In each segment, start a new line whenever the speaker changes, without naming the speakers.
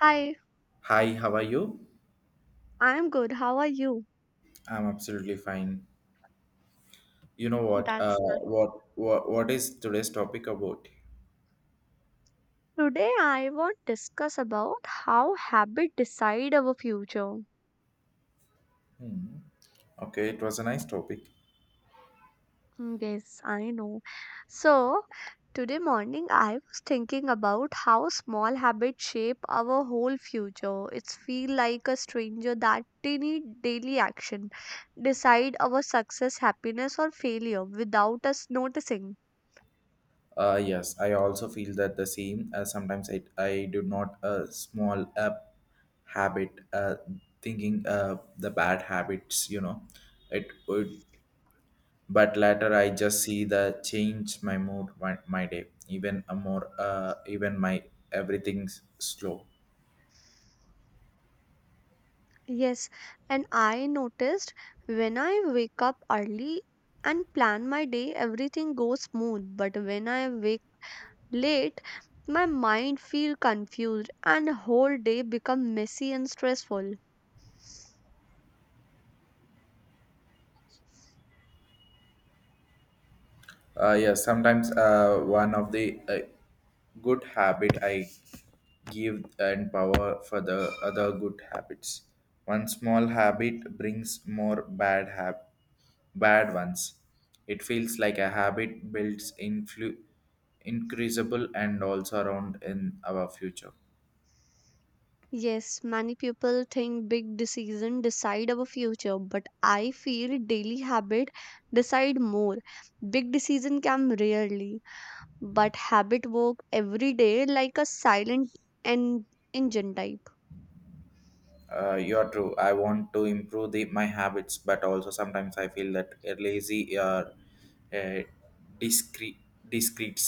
Hi,
Hi, how are you?
I'm good. How are you?
I'm absolutely fine. You know what? Uh,
That's nice.
what what what is today's topic about?
Today I want to discuss about how habit decide our future.
Hmm. Okay, it was a nice topic.
Yes, I know. So, today morning I was thinking about how small habits shape our whole future. It's feel like a stranger that tiny daily action decide our success, happiness or failure without us noticing.
Yes, I also feel that the same. Sometimes I do not a small habit thinking the bad habits. You know, it would. But later I just see the change my mood my day even a more even my everything's slow.
Yes, and I noticed when I wake up early and plan my day, everything goes smooth. But when I wake late, my mind feel confused and the whole day become messy and stressful.
Yeah, sometimes one of the good habit I give and power for the other good habits. One small habit brings more bad ones. It feels like a habit builds increasable and also around in our future.
Yes, many people think big decision decide our future, but I feel daily habit decide more. Big decision come rarely, but habit work every day like a silent and engine type.
You're true. I want to improve my habits, but also sometimes I feel that lazy or uh, discreet discretes.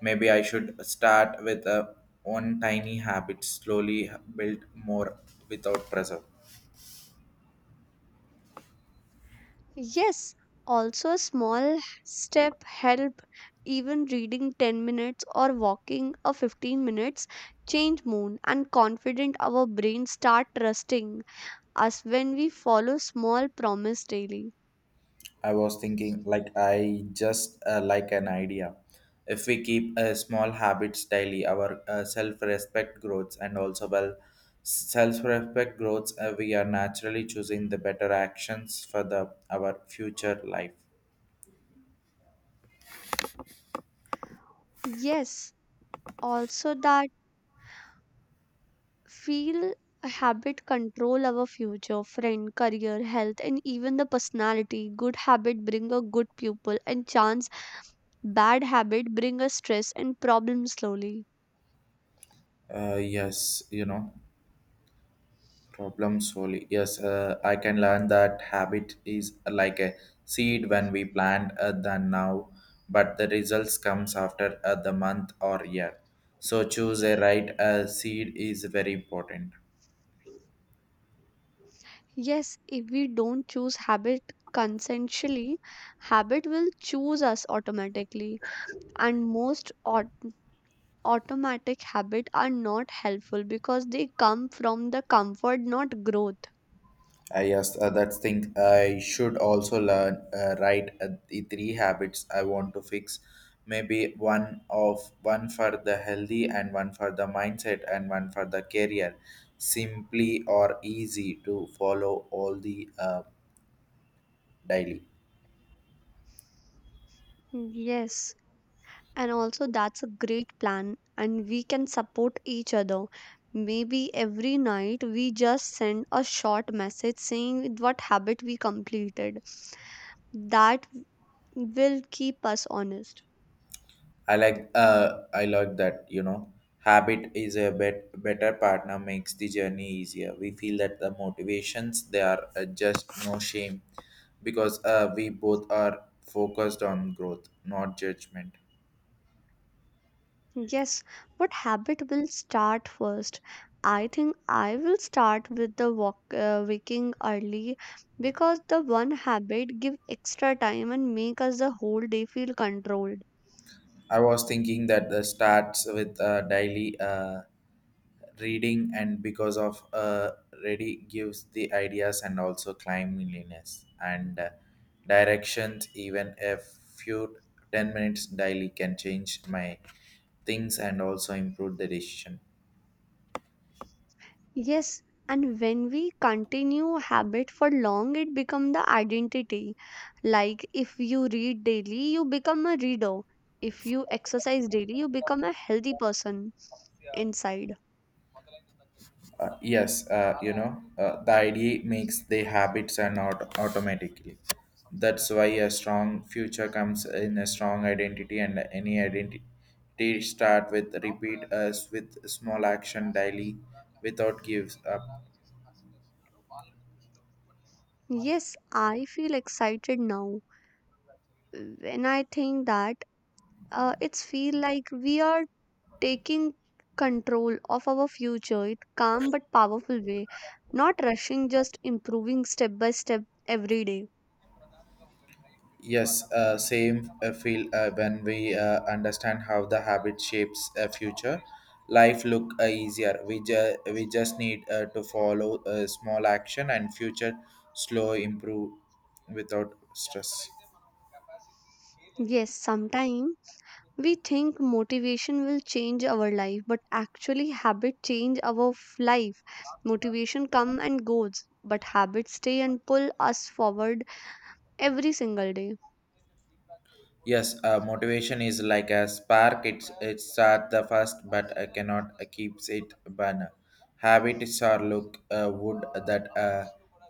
Maybe I should start with one tiny habit, slowly build more without pressure.
Yes, also a small step help, even reading 10 minutes or walking a 15 minutes, change mood and confident our brain start trusting us when we follow small promise daily.
I was thinking, like, I just like an idea. If we keep small habits daily, our self respect grows, and also, well, self respect grows, we are naturally choosing the better actions for the our future life.
Yes, also that feel a habit control our future, friend, career, health, and even the personality. Good habit bring a good pupil, and chance bad habit bring a stress and problem slowly.
Yes, you know. Problem slowly yes I can learn that habit is like a seed when we plant than now, but the results comes after the month or year, so choose a right seed is very important.
Yes, if we don't choose habit consensually, habit will choose us automatically. And most automatic habit are not helpful because they come from the comfort, not growth.
Yes, that's thing. I should also learn write the three habits I want to fix. Maybe one of one for the healthy and one for the mindset and one for the career. Simply or easy to follow all the daily.
Yes, and also that's a great plan, and we can support each other. Maybe every night we just send a short message saying what habit we completed. That will keep us honest.
I like that, you know. Habit is a better partner makes the journey easier. We feel that the motivations they are just no shame because we both are focused on growth, not judgment.
Yes, what habit will start first? I think I will start with the walk, waking early because the one habit give extra time and make us the whole day feel controlled.
I was thinking that the starts with daily reading and because of ready gives the ideas and also cleanliness and directions, even a few 10 minutes daily can change my things and also improve the decision.
Yes, and when we continue habit for long, it become the identity. Like if you read daily, you become a reader. If you exercise daily, you become a healthy person inside.
Yes, you know, the idea makes the habits and automatically. That's why a strong future comes in a strong identity, and any identity start with repeat us with small action daily, without gives up.
Yes, I feel excited now when I think that it's feel like we are taking control of our future in calm but powerful way, not rushing, just improving step by step every day.
Yes, same feel when we understand how the habit shapes a future. Life look easier. We just need to follow a small action and future slow improve without stress.
Yes, sometimes we think motivation will change our life, but actually habit change our life. Motivation come and goes, but habits stay and pull us forward every single day.
Yes, motivation is like a spark. It start the first, but I cannot keeps it burner. Habits are look wood that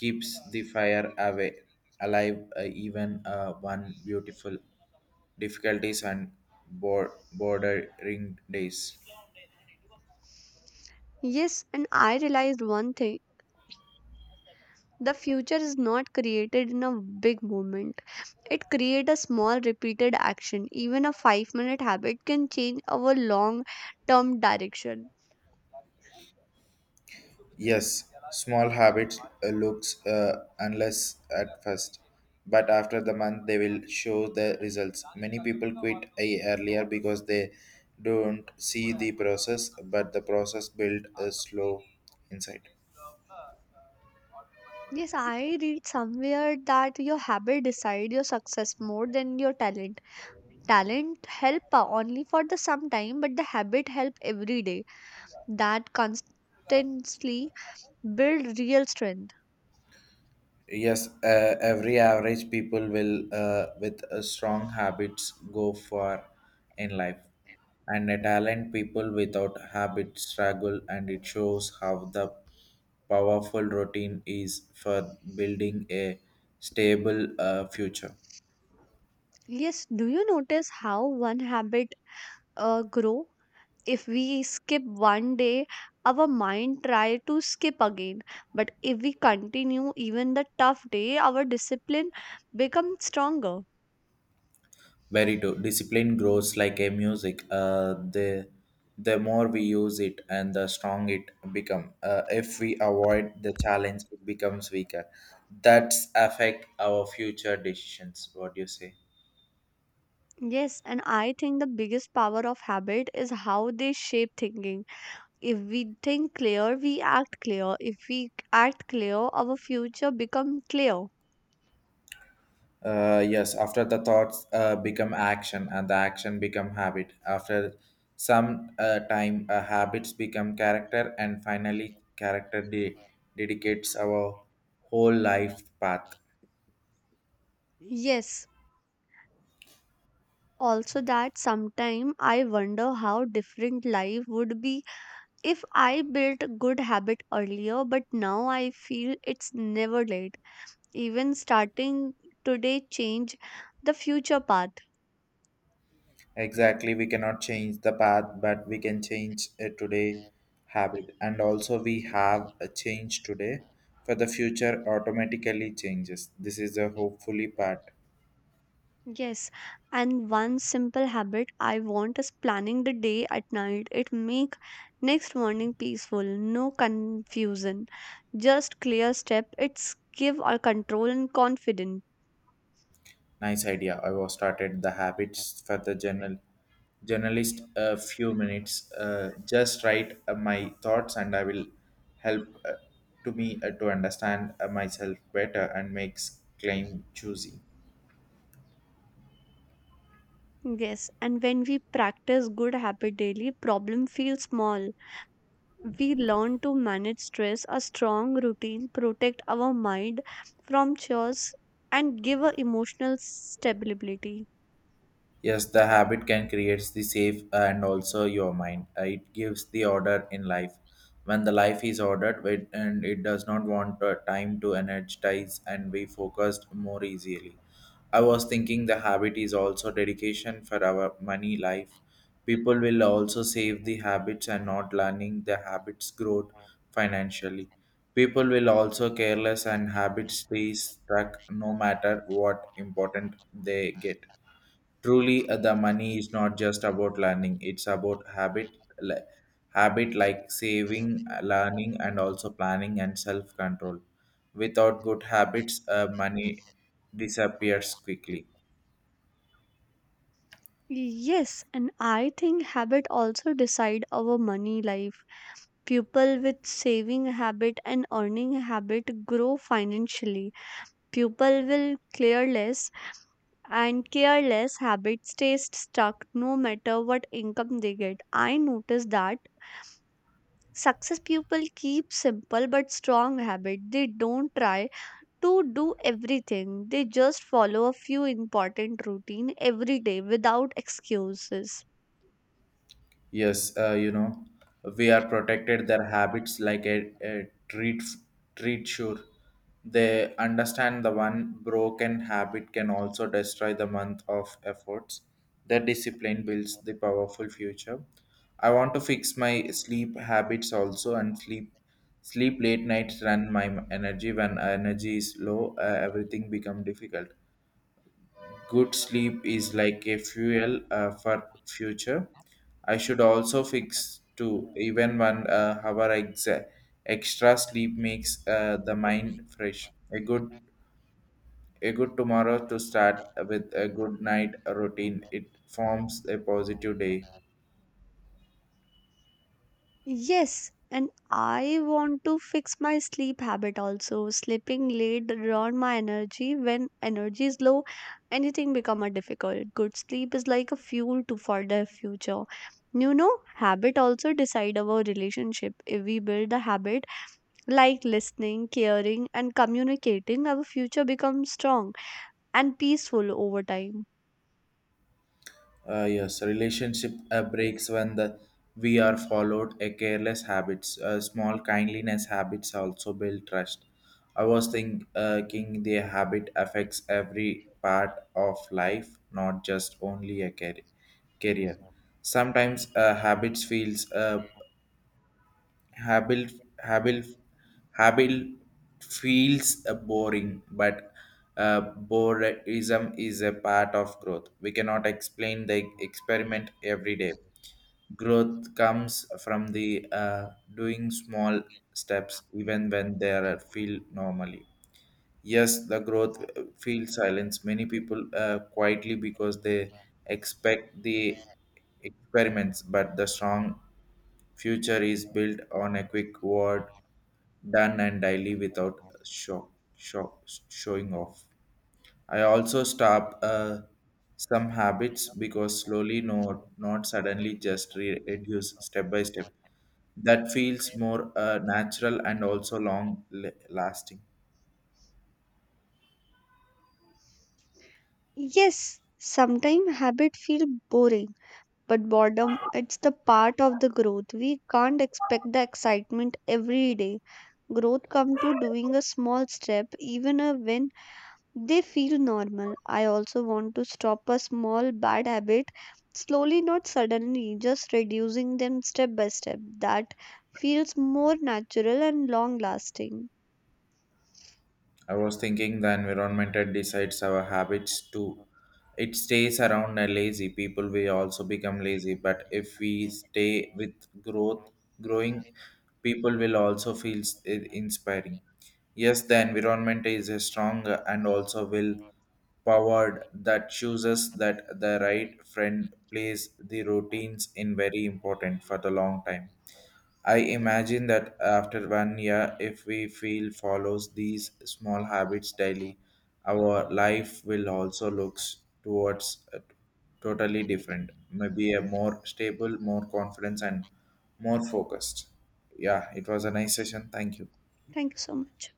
keeps the fire away alive even one beautiful difficulties and bordering days.
Yes, and I realized one thing: the future is not created in a big moment. It creates a small repeated action. Even a 5-minute habit can change our long term direction.
Yes, small habits looks unless at first, but after the month they will show the results. Many people quit a earlier because they don't see the process, but the process build a slow insight.
Yes, I read somewhere that your habit decide your success more than your talent. Talent help only for the some time, but the habit help every day. That constantly build real strength.
Yes, every average people will, with strong habits, go far in life, and a talent people without habit struggle, and it shows how the powerful routine is for building a stable future.
Yes, do you notice how one habit grow? If we skip 1 day, our mind try to skip again, but if we continue even the tough day, our discipline becomes stronger.
Very true. Discipline grows like a music. The more we use it, and the strong it become. If we avoid the challenge, it becomes weaker. That's affect our future decisions. What do you say?
Yes, and I think the biggest power of habit is how they shape thinking. If we think clear, we act clear. If we act clear, our future becomes clear.
Yes. After the thoughts become action, and the action become habit. After some time, habits become character, and finally, dedicates our whole life path.
Yes, also that sometime I wonder how different life would be if I built a good habit earlier, but now I feel it's never late. Even starting today change the future path.
Exactly, we cannot change the path, but we can change a today habit. And also, we have a change today for the future automatically changes. This is a hopefully part.
Yes, and one simple habit I want is planning the day at night. It make next morning peaceful, no confusion, just clear step. It's give our control and confidence.
Nice idea. I was started the habits for the journalist a few minutes. Just write my thoughts, and I will help to me to understand myself better and makes claim choosy.
Yes, and when we practice good habit daily, problem feels small. We learn to manage stress. A strong routine protect our mind from chores and give a emotional stability.
Yes, the habit can create the safe and also your mind. It gives the order in life. When the life is ordered and it does not want time to energize and be focused more easily. I was thinking the habit is also dedication for our money life. People will also save the habits and not learning the habits growth financially. People will also careless and habits stay stuck no matter what important they get. Truly, the money is not just about learning; it's about li- habit like saving, learning, and also planning and self-control. Without good habits, money disappears quickly.
Yes, and I think habit also decide our money life. People with saving habit and earning habit grow financially. People will clear less, and careless habit stays stuck no matter what income they get. I notice that success people keep simple but strong habit. They don't try to do everything. They just follow a few important routine every day without excuses.
Yes, you know, we are protected their habits like a treat sure. They understand the one broken habit can also destroy the month of efforts. The discipline builds the powerful future. I want to fix my sleep habits also and sleep late nights run my energy. When energy is low, everything become difficult. Good sleep is like a fuel for future. I should also fix to even one hour extra sleep makes the mind fresh. A good tomorrow to start with a good night routine. It forms a positive day.
Yes, and I want to fix my sleep habit also. Sleeping late drain my energy. When energy is low, anything become a difficult. Good sleep is like a fuel to for the future. You know, habit also decide our relationship. If we build a habit like listening, caring, and communicating, our future becomes strong and peaceful over time.
Yes, relationship breaks when the we are followed a careless habits. Small kindliness habits also build trust. I was thinking the habit affects every part of life, not just only a career. Sometimes habits feels Habil Habil Habil feels boring, but boredom is a part of growth. We cannot explain the experiment every day. Growth comes from the doing small steps, even when they are feel normally. Yes, the growth feels silence many people quietly because they expect the experiments, but the strong future is built on a quick word done and daily without shock showing off. I also stop some habits because slowly, no, not suddenly, just reduce step by step. That feels more natural and also long lasting.
Yes, sometimes habit feel boring, but boredom it's the part of the growth. We can't expect the excitement every day. Growth come to doing a small step, even a when they feel normal. I also want to stop a small bad habit slowly, not suddenly, just reducing them step by step. That feels more natural and long lasting.
I was thinking the environment that decides our habits too. It stays around a lazy people we also become lazy, but if we stay with growth growing, people will also feel inspiring. Yes, the environment is a strong and also will powered that chooses that the right friend plays the routines in very important for the long time. I imagine that after 1 year, if we feel follows these small habits daily, our life will also looks towards a totally different, maybe a more stable, more confidence, and more focused. Yeah, it was a nice session. Thank you.
Thank you so much.